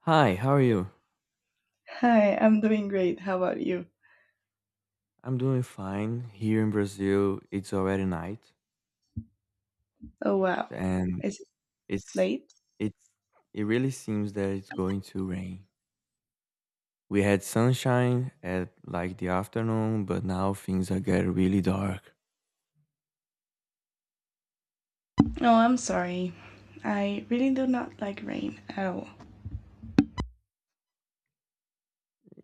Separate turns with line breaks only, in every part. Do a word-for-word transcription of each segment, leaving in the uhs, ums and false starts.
Hi, how are you?
Hi, I'm doing great. How about you?
I'm doing fine. Here in Brazil, it's already night,
Oh, wow.
and
Is it
it's
late?
it's it really seems that it's going to rain. We had sunshine at like the afternoon, but now things are getting really dark.
Oh, I'm sorry. I really do not like rain at all.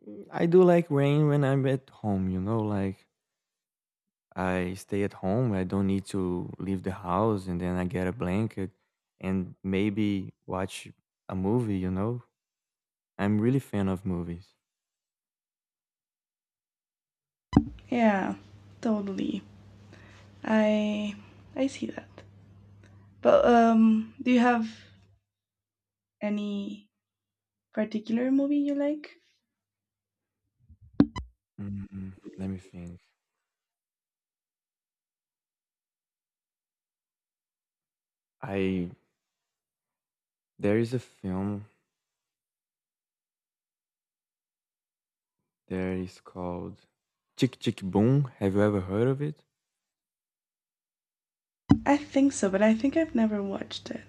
Mm, I do like rain when I'm at home, you know, like I stay at home, I don't need to leave the house, and then I get a blanket and maybe watch a movie, you know? I'm really fan of movies.
Yeah, totally. I I see that. But um, do you have any particular movie you like?
Mm, Let me think. I There is a film that is called Chick Chick Boom. Have you ever heard of it?
I think so, but I think I've never watched it.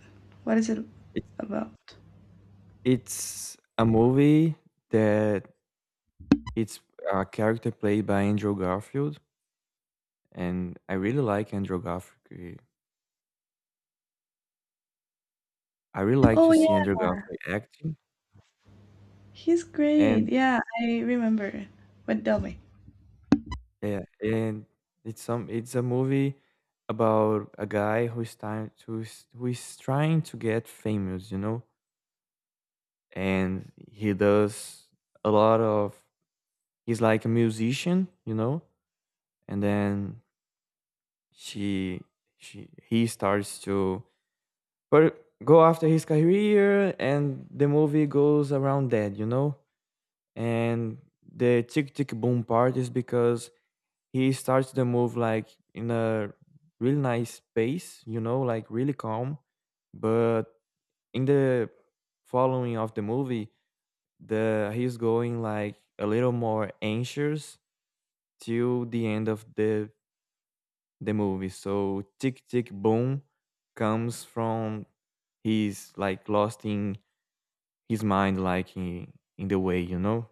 What is it
It's
about?
it's a movie that it's a character played by Andrew Garfield, and I really like Andrew Garfield. I really like
Oh,
to see Andrew
yeah,
Garfield acting,
he's great.
and
Yeah, I remember. But tell me.
yeah, and it's some it's a movie about a guy who is trying to is- who is trying to get famous, you know, and he does a lot of he's like a musician, you know, and then she she he starts to but go after his career and the movie goes around that, you know? And the tick tick boom part is because he starts the move like in a really nice pace, you know, like really calm. But in the following of the movie, the he's going like a little more anxious till the end of the the movie. So Tick Tick Boom comes from he's like lost in his mind, like in, in the way you know.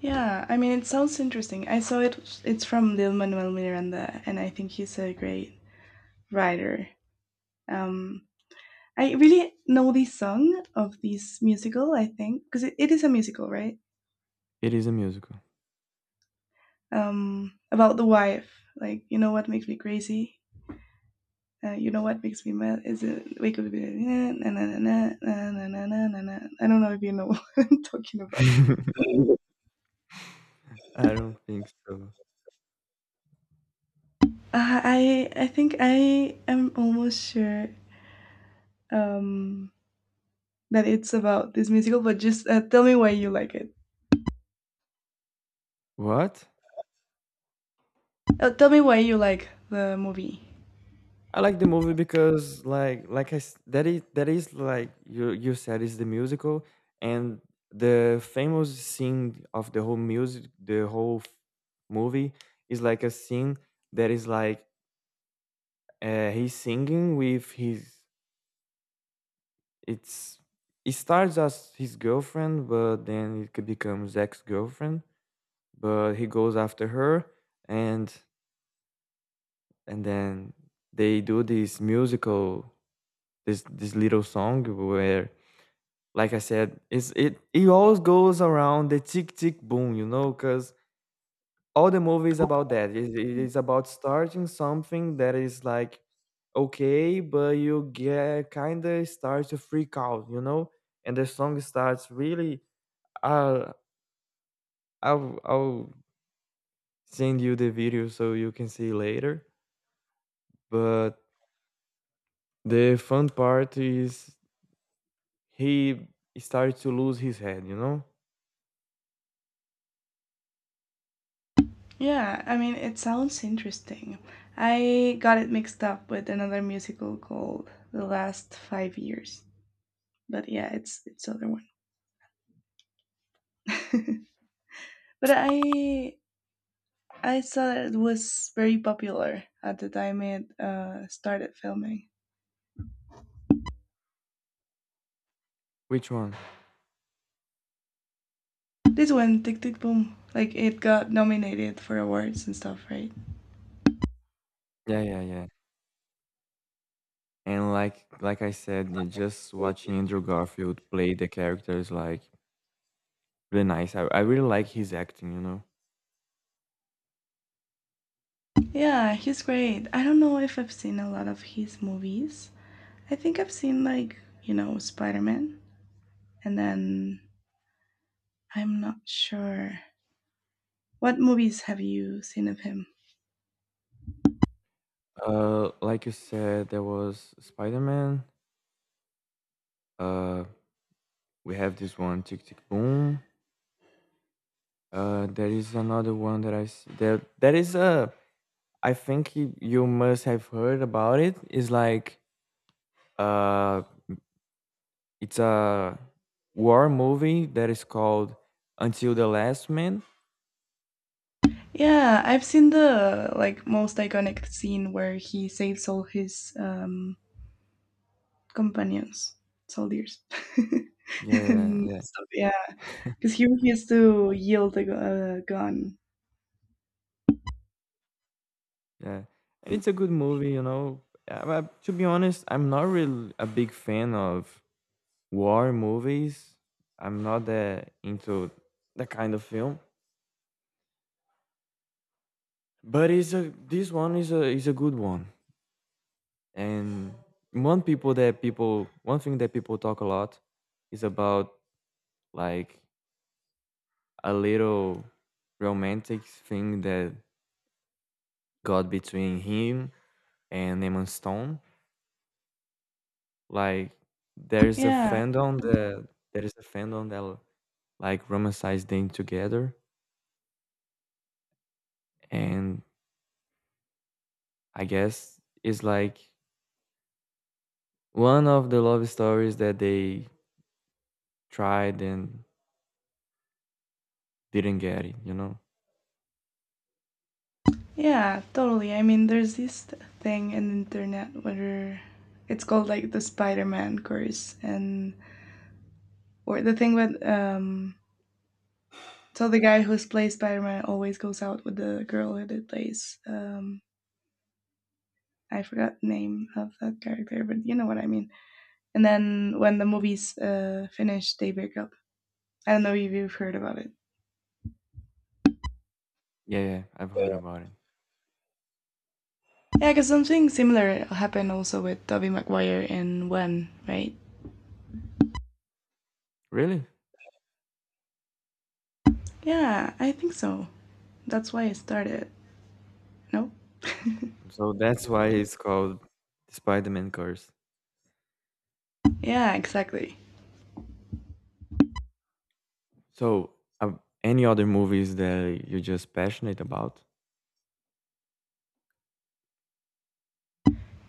Yeah, I mean, it sounds interesting. I saw it. It's from Lil Manuel Miranda, and I think he's a great writer. Um, I really know the song of this musical. I think because it, it is a musical, right?
It is a musical.
Um, about the wife. Like, you know what makes me crazy? Uh, you know what makes me mad? Is it wake up? Na na na na na na na na na. Na. I don't know if you know what I'm talking about.
I don't think so.
Uh, I I think I am almost sure. Um, that it's about this musical, but just uh, tell me why you like it.
What?
Uh, tell me why you like the movie.
I like the movie because like like I s- that is that is like you you said is the musical and the famous scene of the whole music the whole f- movie is like a scene that is like uh, he's singing with his It's it starts as his girlfriend, but then it could becomes ex-girlfriend. But he goes after her, and and then they do this musical, this this little song where, like I said, it's it it always goes around the tick tick boom, you know, because all the movie is about that. It, it is about starting something that is like okay, but you get kind of start to freak out, you know? And the song starts really I'll I'll I'll send you the video so you can see later. But the fun part is he started to lose his head. You know
Yeah, I mean, it sounds interesting. I got it mixed up with another musical called The Last Five Years, but yeah, it's it's the other one. But I I saw that it was very popular at the time it uh, started filming.
which one?
This one, Tick Tick Boom, like it got nominated for awards and stuff, right?
Yeah, yeah, yeah. And like like I said, yeah, just watching Andrew Garfield play the characters like really nice. I I really like his acting. You know.
Yeah, he's great. I don't know if I've seen a lot of his movies. I think I've seen like, you know, Spider-Man and then I'm not sure what movies have you seen of him?
Uh, like you said, there was Spider Man. Uh, we have this one, Tick Tick Boom. Uh, there is another one that I s- that that is a I think you, you must have heard about it. It's like uh, it's a war movie that is called Until the Last Man.
Yeah, I've seen the like most iconic scene where he saves all his um companions, soldiers.
Yeah, yeah,
And
yeah,
stuff, yeah, because he refused to yield a gu- a gun.
yeah. And it's a good movie, you know. Uh, but to be honest, I'm not really a big fan of war movies. I'm not that into that kind of film. But it's a this one is a is a good one. And one people that people one thing that people talk a lot is about like a little romantic thing that got between him and Emma Stone. Like there's a
Yeah,
fandom that there is a fandom that like romanticize them together, and I guess it's like one of the love stories that they tried and didn't get it. You know?
yeah, totally. I mean, there's this thing in the internet where it's called like the Spider-Man curse, and or the thing with um. So the guy who's plays Spider-Man always goes out with the girl who did plays. Um, I forgot the name of that character, but you know what I mean. And then when the movie's uh, finished, they break up. I don't know if you've heard about it.
Yeah, yeah, I've heard about it.
Yeah, because something similar happened also with Tobey Maguire in When, right?
Really?
Yeah, I think so. That's why I started. No?
So that's why it's called Spider-Man Curse.
Yeah, exactly.
So, um, any other movies that you're just passionate about?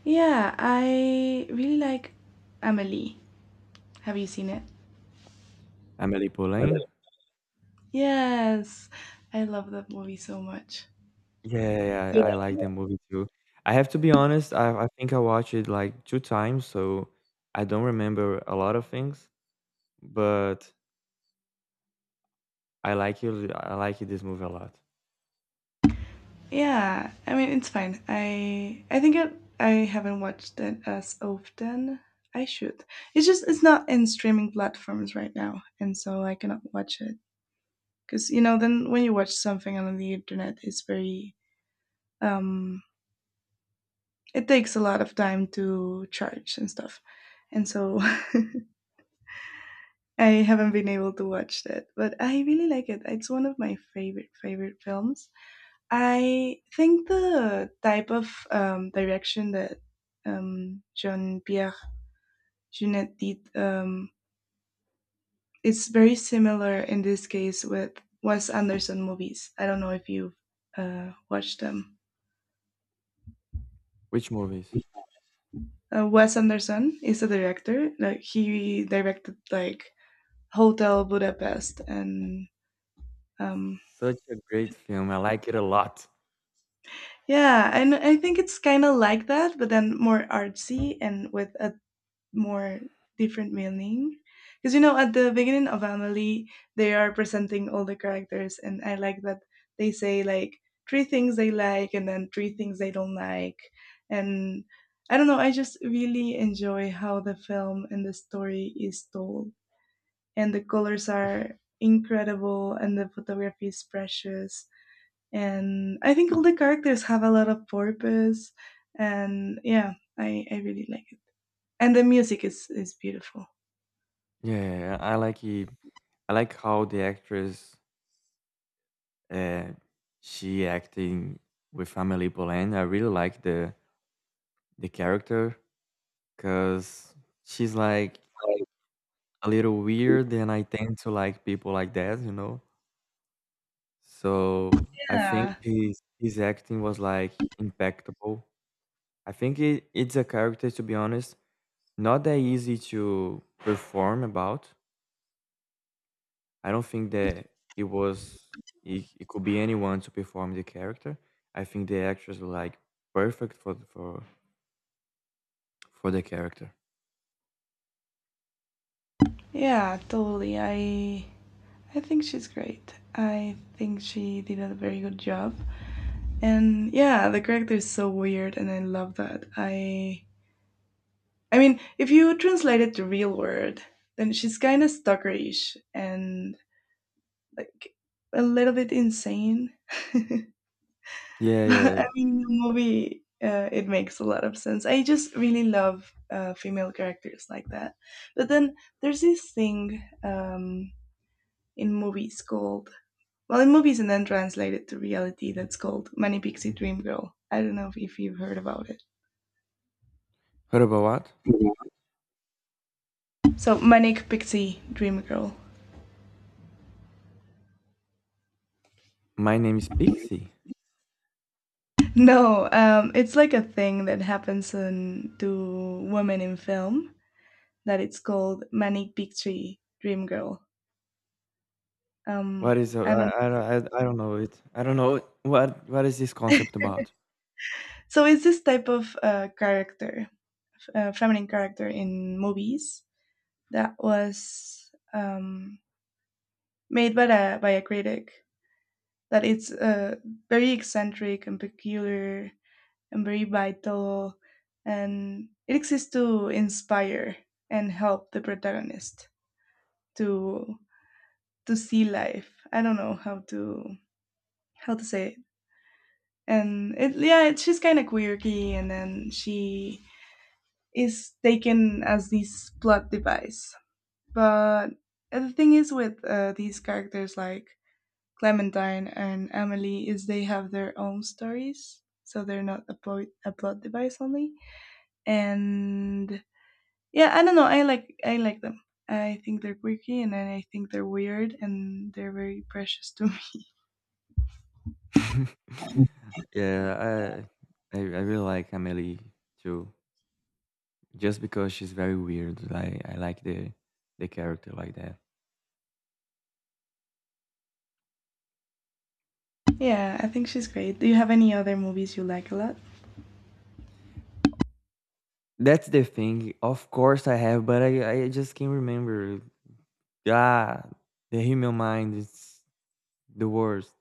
Yeah, I really like Amelie. Have you seen it?
Amélie Poulain?
Yes, I love that movie so much.
Yeah, yeah,
Yeah.
I like the movie too. I have to be honest, I, I think I watched it like two times, so I don't remember a lot of things, but I like it. I like this movie a lot.
Yeah, I mean it's fine. I I think it, I haven't watched it as often. I should. It's just it's not in streaming platforms right now, and so I cannot watch it because you know then when you watch something on the internet, it's very um it takes a lot of time to charge and stuff, and so I haven't been able to watch that, but I really like it. It's one of my favorite favorite films. I think the type of um, direction that um, Jean Pierre Jeunet did um, is very similar in this case with Wes Anderson movies. I don't know if you've uh, watched them.
Which movies?
Uh, Wes Anderson is a director. Like he directed like Hotel Budapest and um,
Such a great film. I like it a lot.
yeah, and I think it's kind of like that, but then more artsy and with a more different meaning. Because you know, at the beginning of Amelie, they are presenting all the characters, and I like that they say like three things they like and then three things they don't like. And I don't know, I just really enjoy how the film and the story is told, and the colors are incredible, and the photography is precious and I think all the characters have a lot of purpose, and yeah, I, I really like it. And the music is is beautiful.
Yeah, I like it. I like how the actress uh, she acting with Amélie Poulain. I really like the the character. 'Cause she's, like, a little weird, and I tend to like people like that, you know? So, I think
Yeah,
his his acting was, like, impeccable. I think it it's a character, to be honest, not that easy to perform about. I don't think that it was it it could be anyone to perform the character. I think the actress were, like, perfect for for for the character.
yeah, totally. I I think she's great. I think she did a very good job. And yeah, the character is so weird and I love that. I I mean, if you translate it to real world, then she's kind of stalkerish and like a little bit insane.
Yeah, yeah.
I mean, the movie, uh, it makes a lot of sense. I just really love uh, female characters like that. But then there's this thing um, in movies called, well, in movies and then translated to reality that's called Manic Pixie Dream Girl. I don't know if, if you've heard about it.
Heard about what?
So, Manic Pixie Dream Girl.
My name is Pixie?
No, um, it's like a thing that happens in, to women in film that it's called Manic Pixie Dream Girl. Um,
Whats I is a
I don't.
I I don't I I don't know it. I don't know what what is this concept about?
So it's this type of uh, character, uh, feminine character in movies that was um, made by a by a critic. That it's uh, very eccentric and peculiar and very vital, and it exists to inspire and help the protagonist to to see life. I don't know how to how to say it. And it, yeah, it, she's kind of quirky, and then she is taken as this plot device. But uh, the thing is with uh, these characters like Clementine and Emily is they have their own stories, so they're not a plot a plot device only. And yeah, I don't know. I like I like them. I think they're quirky and then I think they're weird and they're very precious to me.
Yeah, I I I really like Amélie too, just because she's very weird. Like I like the the character like that.
Yeah, I think she's great. Do you have any other movies you like a lot?
That's the thing. Of course I have, but I I just can't remember. Ah, the human mind is the worst.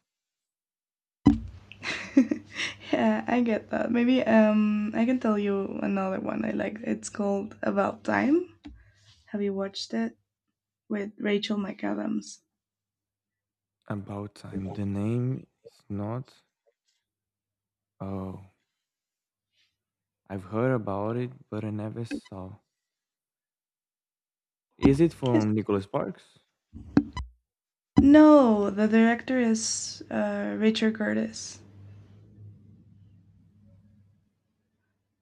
Yeah, I get that. Maybe um I can tell you another one I like. It's called About Time. Have you watched it? With Rachel McAdams.
About time. The name is not. Oh, I've heard about it, but I never saw. Is it
It's,
from Nicholas Sparks?
no, the director is uh, Richard Curtis.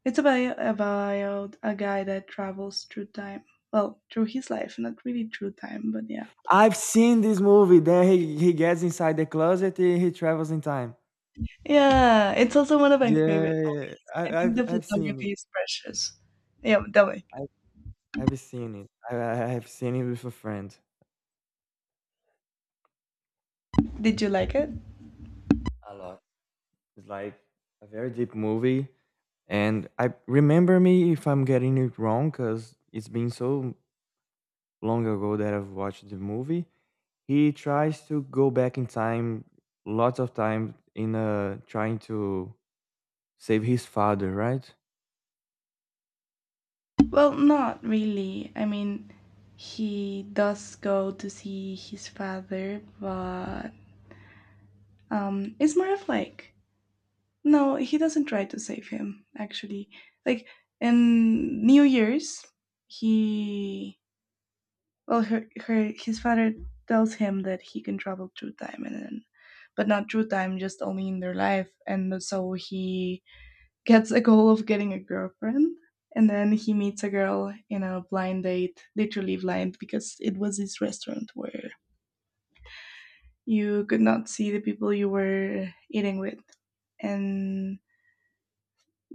It's about about a guy that travels through time. Well, through his life, not really through time, but yeah,
I've seen this movie. Then he he gets inside the closet and he travels in time.
yeah. It's also one of my favorite.
Yeah,
I
I,
think
I've
the
I've seen it.
photography is precious. Yeah, tell me,
I, I've seen it. I, I- I've seen it with a friend
did you like it?
a lot. It's like a very deep movie, and I remember me if I'm getting it wrong because it's been so long ago that I've watched the movie. He tries to go back in time, lots of time in uh trying to save his father, right?
Well, not really. I mean, he does go to see his father, but um, it's more of like, no, he doesn't try to save him, actually. Like in New Year's, he, well, her, her his father tells him that he can travel through time and then but not through time, just only in their life. And so he gets a goal of getting a girlfriend. And then he meets a girl in a blind date, literally blind, because it was this restaurant where you could not see the people you were eating with. And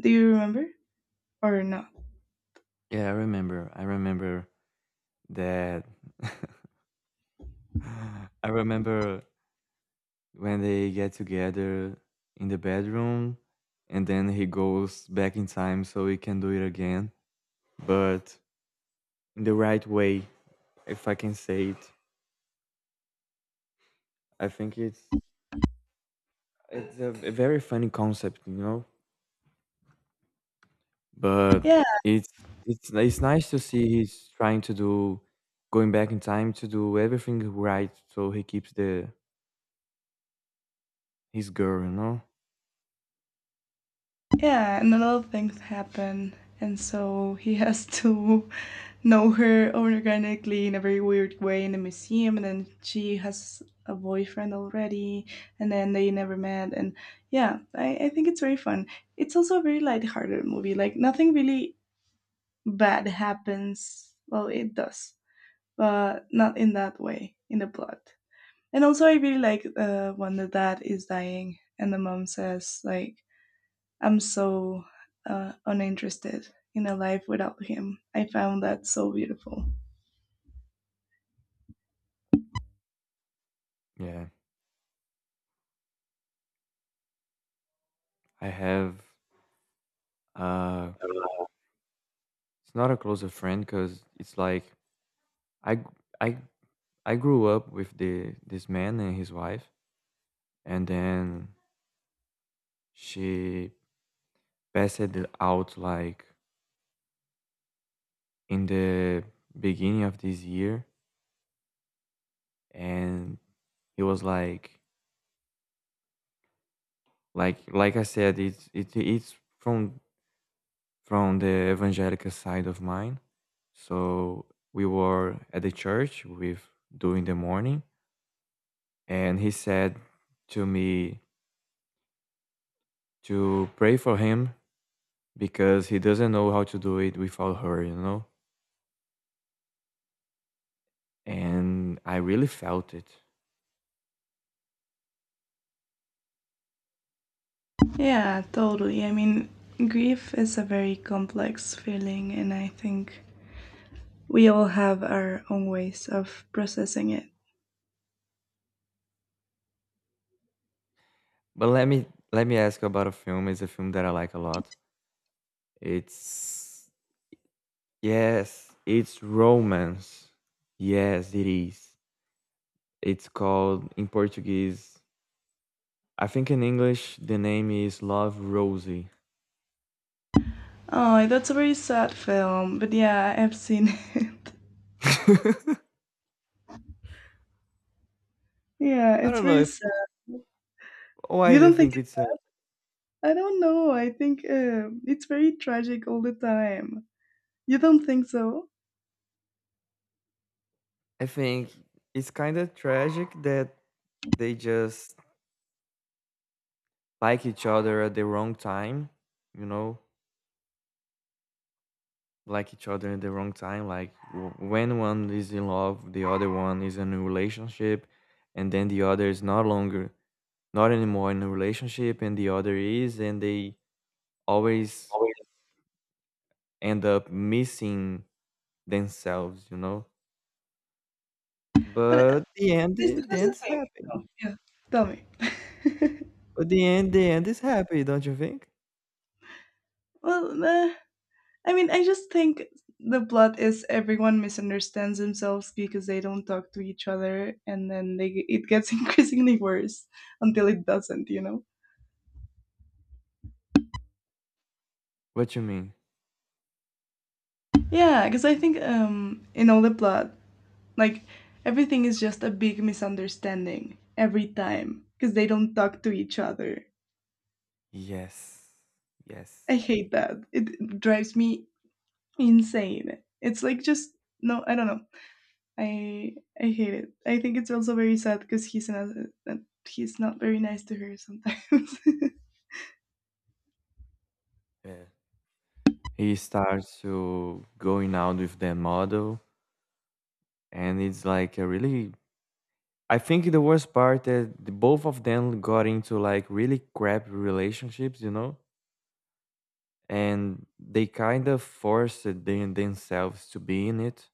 do you remember or not?
Yeah, I remember. I remember that. I remember when they get together in the bedroom and then he goes back in time so he can do it again, but in the right way, if I can say it. I think it's it's a, a very funny concept, you know? But
Yeah,
it's it's it's nice to see he's trying to do going back in time to do everything right so he keeps the his girl, you know?
yeah, and a lot of things happen. And so he has to know her organically in a very weird way in the museum. And then she has a boyfriend already. And then they never met. And yeah, I, I think it's very fun. It's also a very lighthearted movie. Like, nothing really bad happens. Well, it does, but not in that way, in the plot. And also, I really like uh, when the dad is dying and the mom says, like, I'm so uh, uninterested in a life without him. I found that so beautiful.
Yeah. I have uh it's not a closer friend because it's like I g- I I grew up with the this man and his wife and then she passed it out like in the beginning of this year and he was like like like I said it's it, it's from from the evangelical side of mine so we were at the church with during the morning and he said to me to pray for him because he doesn't know how to do it without her, you know? And I really felt it.
Yeah, totally. I mean, grief is a very complex feeling, and I think we all have our own ways of processing it.
But let me let me ask you about a film. It's a film that I like a lot. It's yes, it's romance. Yes, it is. It's called in Portuguese. I think in English the name is Love Rosie.
Oh, that's a very sad film, but yeah, I've seen it. Yeah,
I
it's
don't know
very
if
sad.
why
You
do you
don't think
think
it's.
it's
I don't know. I think uh, it's very tragic all the time. You don't think so?
I think it's kind of tragic that they just like each other at the wrong time, you know, like each other at the wrong time. Like w- when one is in love, the other one is in a relationship, and then the other is not longer, not anymore in a relationship, and the other is, and they always end up missing themselves, you know.
But uh,
But the end,
this,
the
here's the
end's
thing.
happy.
Oh, yeah. Tell me.
But the end, the end is happy, don't you think?
Well, nah, I mean, I just think the plot is everyone misunderstands themselves because they don't talk to each other, and then they it gets increasingly worse until it doesn't, you know?
What you mean?
Yeah, because I think um, in all the plot, like everything is just a big misunderstanding every time because they don't talk to each other.
Yes.
I
Yes.
hate that. It drives me insane. It's like just no, I don't know. I I hate it. I think it's also very sad because he's another, he's not very nice to her sometimes.
Yeah. He starts to going out with that model and it's like a really I think the worst part that the both of them got into like really crap relationships, you know? And they kind of forced them, themselves to be in it.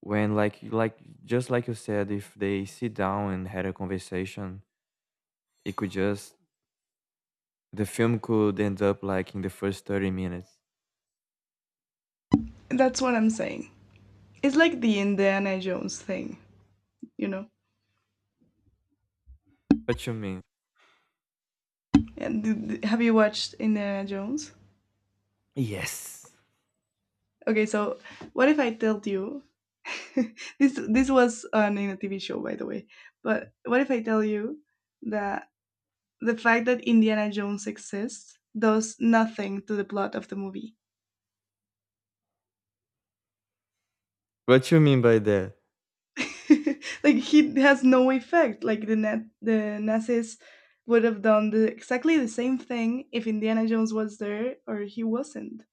When like like just like you said, if they sit down and had a conversation, it could just the film could end up like in the first thirty minutes.
That's what I'm saying. It's like the Indiana Jones thing, you know.
What you mean?
And have you watched Indiana Jones?
Yes.
Okay, so what if I told you this this was on in a T V show, by the way. But what if I tell you that the fact that Indiana Jones exists does nothing to the plot of the movie?
What you mean by that?
Like he has no effect. Like the net, the Nazis would have done the, exactly the same thing if Indiana Jones was there or he wasn't.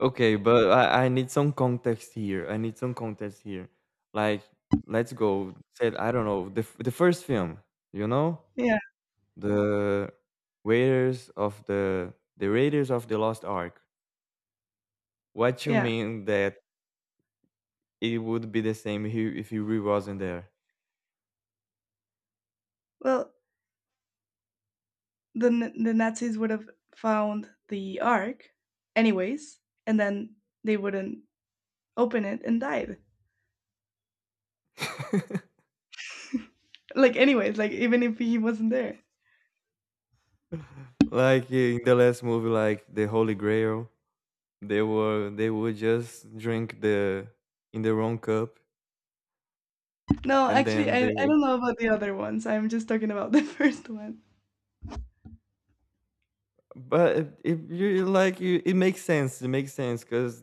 Okay, but I, I need some context here. I need some context here. Like, let's go. Said I don't know the f- the first film. You know
Yeah,
the Raiders of the the Raiders of the Lost Ark. What you
yeah.
mean that it would be the same if he, if he really wasn't there?
Well, the N- the Nazis would have found the Ark, anyways, and then they wouldn't open it and died. Like anyways, like even if he wasn't there.
Like in the last movie, like the Holy Grail, they were they would just drink the in the wrong cup,
No,
and
actually,
then
I
they
I don't know about the other ones. I'm just talking about the first one.
But if, if you like, you, it makes sense. It makes sense because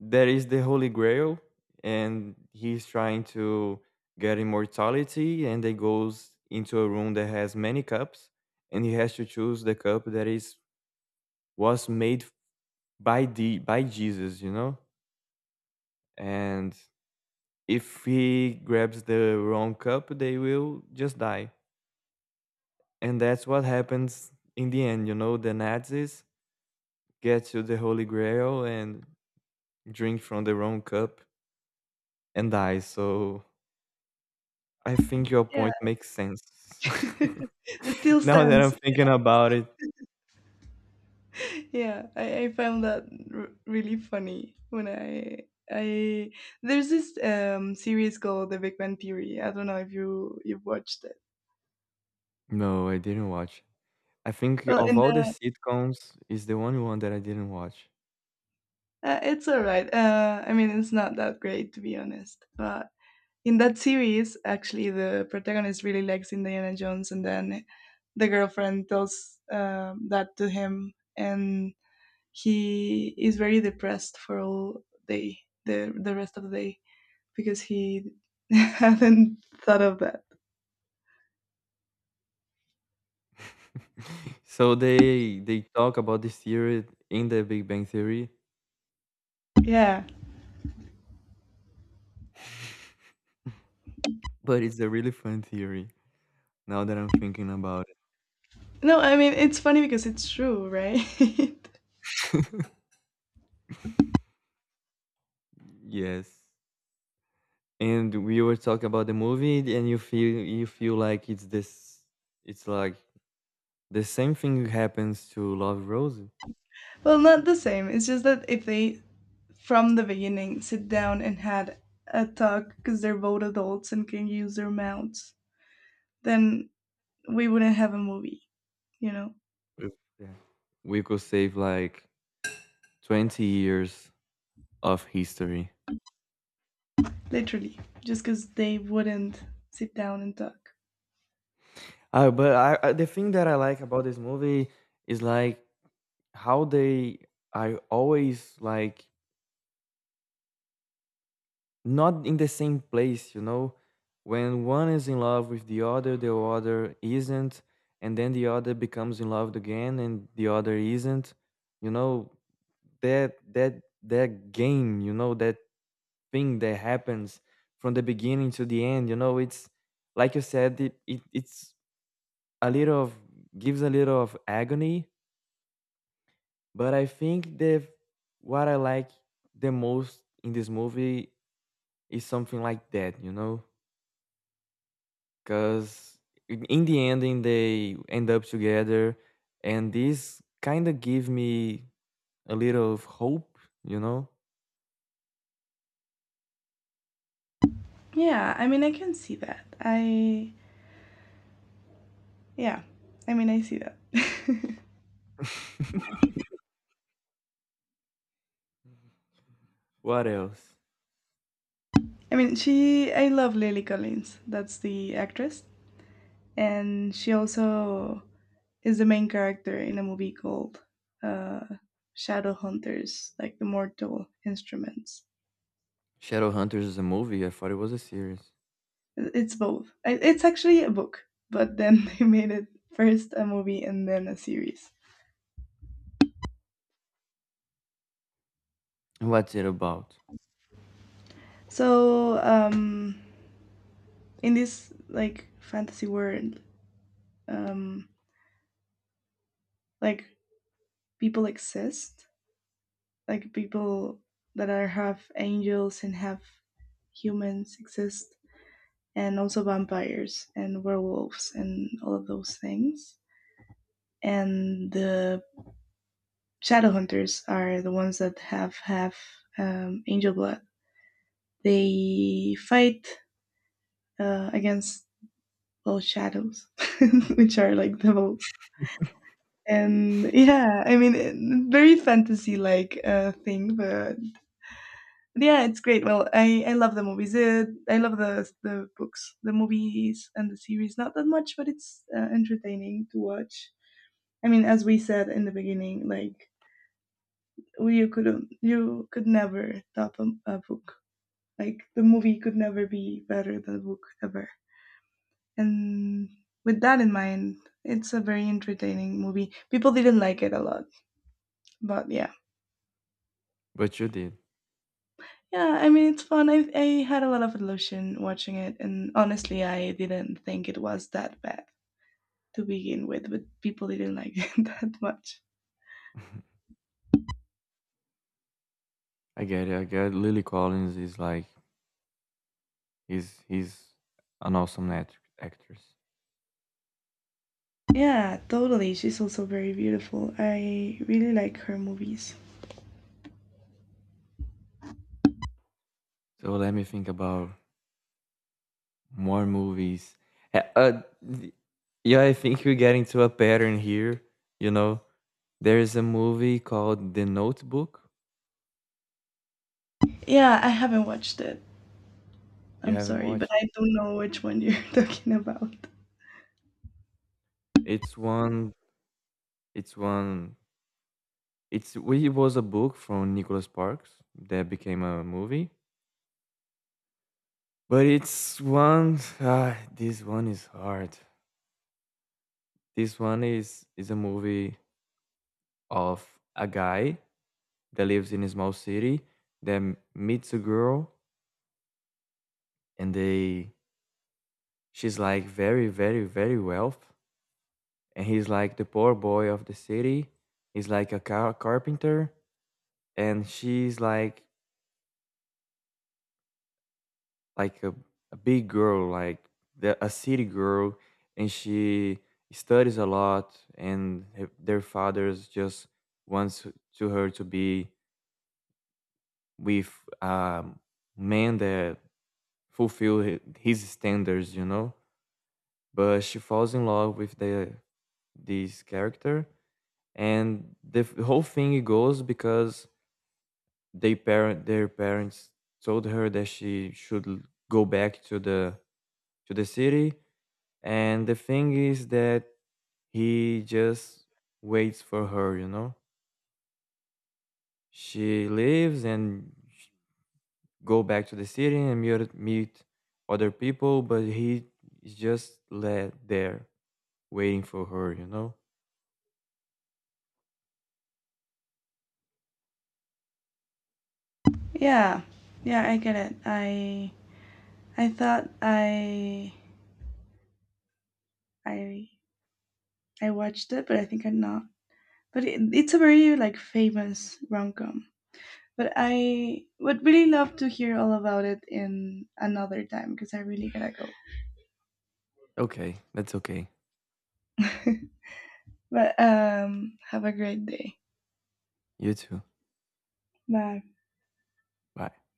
there is the Holy Grail, and he's trying to get immortality, and they goes into a room that has many cups, and he has to choose the cup that is was made by the by Jesus, you know. And if he grabs the wrong cup, they will just die, and that's what happens in the end. You know, the Nazis get to the Holy Grail and drink from the wrong cup and die. So I think your
Yeah,
point makes sense.
it still
Now that I'm
stands.
thinking about it,
Yeah, i, I found that r- really funny when I I there's this um series called the Big Bang Theory. I don't know if you you've watched it.
no, I didn't watch. I think
Well, in
of all the
the
sitcoms, is the only one that I didn't watch.
uh, it's all right, uh I mean it's not that great to be honest, but in that series actually the protagonist really likes Indiana Jones and then the girlfriend tells um, that to him and he is very depressed for all day the the rest of the day because he hadn't thought of that.
So they they talk about this theory in the Big Bang Theory,
Yeah.
but it's a really fun theory. Now that I'm thinking about it,
No, I mean, it's funny because it's true, right?
yes. And we were talking about the movie, and you feel you feel like it's this, it's like the same thing happens to Love Rosie.
Well, not the same. It's just that if they, from the beginning, sit down and had a talk because they're both adults and can use their mouths, then we wouldn't have a movie, you know?
If- Yeah. We could save like twenty years of history.
Literally. Just because they wouldn't sit down and talk.
Uh, but I, I, the thing that I like about this movie is like how they are always like not in the same place, you know? When one is in love with the other, the other isn't, and then the other becomes in love again and the other isn't. You know, that that that game you know that thing that happens from the beginning to the end. You know, it's like you said, it, it it's a little of gives a little of agony, but I think the what I like the most in this movie is something like that, you know, because in the ending they end up together, and this kind of give me a little of hope, you know.
Yeah, I mean, I can see that. I, yeah, I mean, I see that.
What else?
I mean, she. I love Lily Collins. That's the actress, and she also is the main character in a movie called uh, Shadow, like the Mortal Instruments.
Shadowhunters is a movie. I thought it was a series.
It's both. It's actually a book, but then they made it first a movie and then a series.
What's it about?
So um, in this like fantasy world, um, like people exist like people that are half angels and half humans exist, and also vampires and werewolves and all of those things. And the shadow hunters are the ones that have half um, angel blood. They fight uh, against all shadows, which are like devils. And yeah, I mean, very fantasy like uh, thing, but yeah, it's great. Well, I, I love the movies. Uh, I love the the books, the movies, and the series. Not that much, but it's uh, entertaining to watch. I mean, as we said in the beginning, like you could you could never top a, a book. Like the movie could never be better than the book ever. And with that in mind, it's a very entertaining movie. People didn't like it a lot, but yeah.
But you did.
Yeah, I mean it's fun. I I had a lot of illusion watching it, and honestly, I didn't think it was that bad to begin with, but people didn't like it that much.
I get it. I get it. Lily Collins is like he's he's an awesome act- actress.
Yeah, totally. She's also very beautiful. I really like her movies.
So let me think about more movies. Uh, uh, th- yeah, I think we're getting to a pattern here. You know, there is a movie called The Notebook.
Yeah, I haven't watched it.
You
I'm
haven't
sorry, but
watched
I
it.
don't know which one you're talking about.
It's one. It's one. It's we- it was a book from Nicholas Sparks that became a movie. But it's one. Ah, this one is hard. This one is is a movie of a guy that lives in a small city that m- meets a girl and they she's like very very very wealth and he's like the poor boy of the city. He's like a car- carpenter and she's like like a, a big girl like the, a city girl and she studies a lot and her, their fathers just wants to her to be with a man that fulfill his standards, you know. But she falls in love with the this character, and the f- whole thing goes because they parent their parents told her that she should l- go back to the to the city, and the thing is that he just waits for her, you know. She leaves and sh- go back to the city and meet, meet other people, but he is just led there waiting for her, you know?
Yeah. Yeah, I get it. I I thought I I I watched it, but I think I'm not. But it, it's a very like famous rom-com. But I would really love to hear all about it in another time because I really gotta go.
Okay, that's okay.
But um, have a great day.
You too.
Bye.
Bye.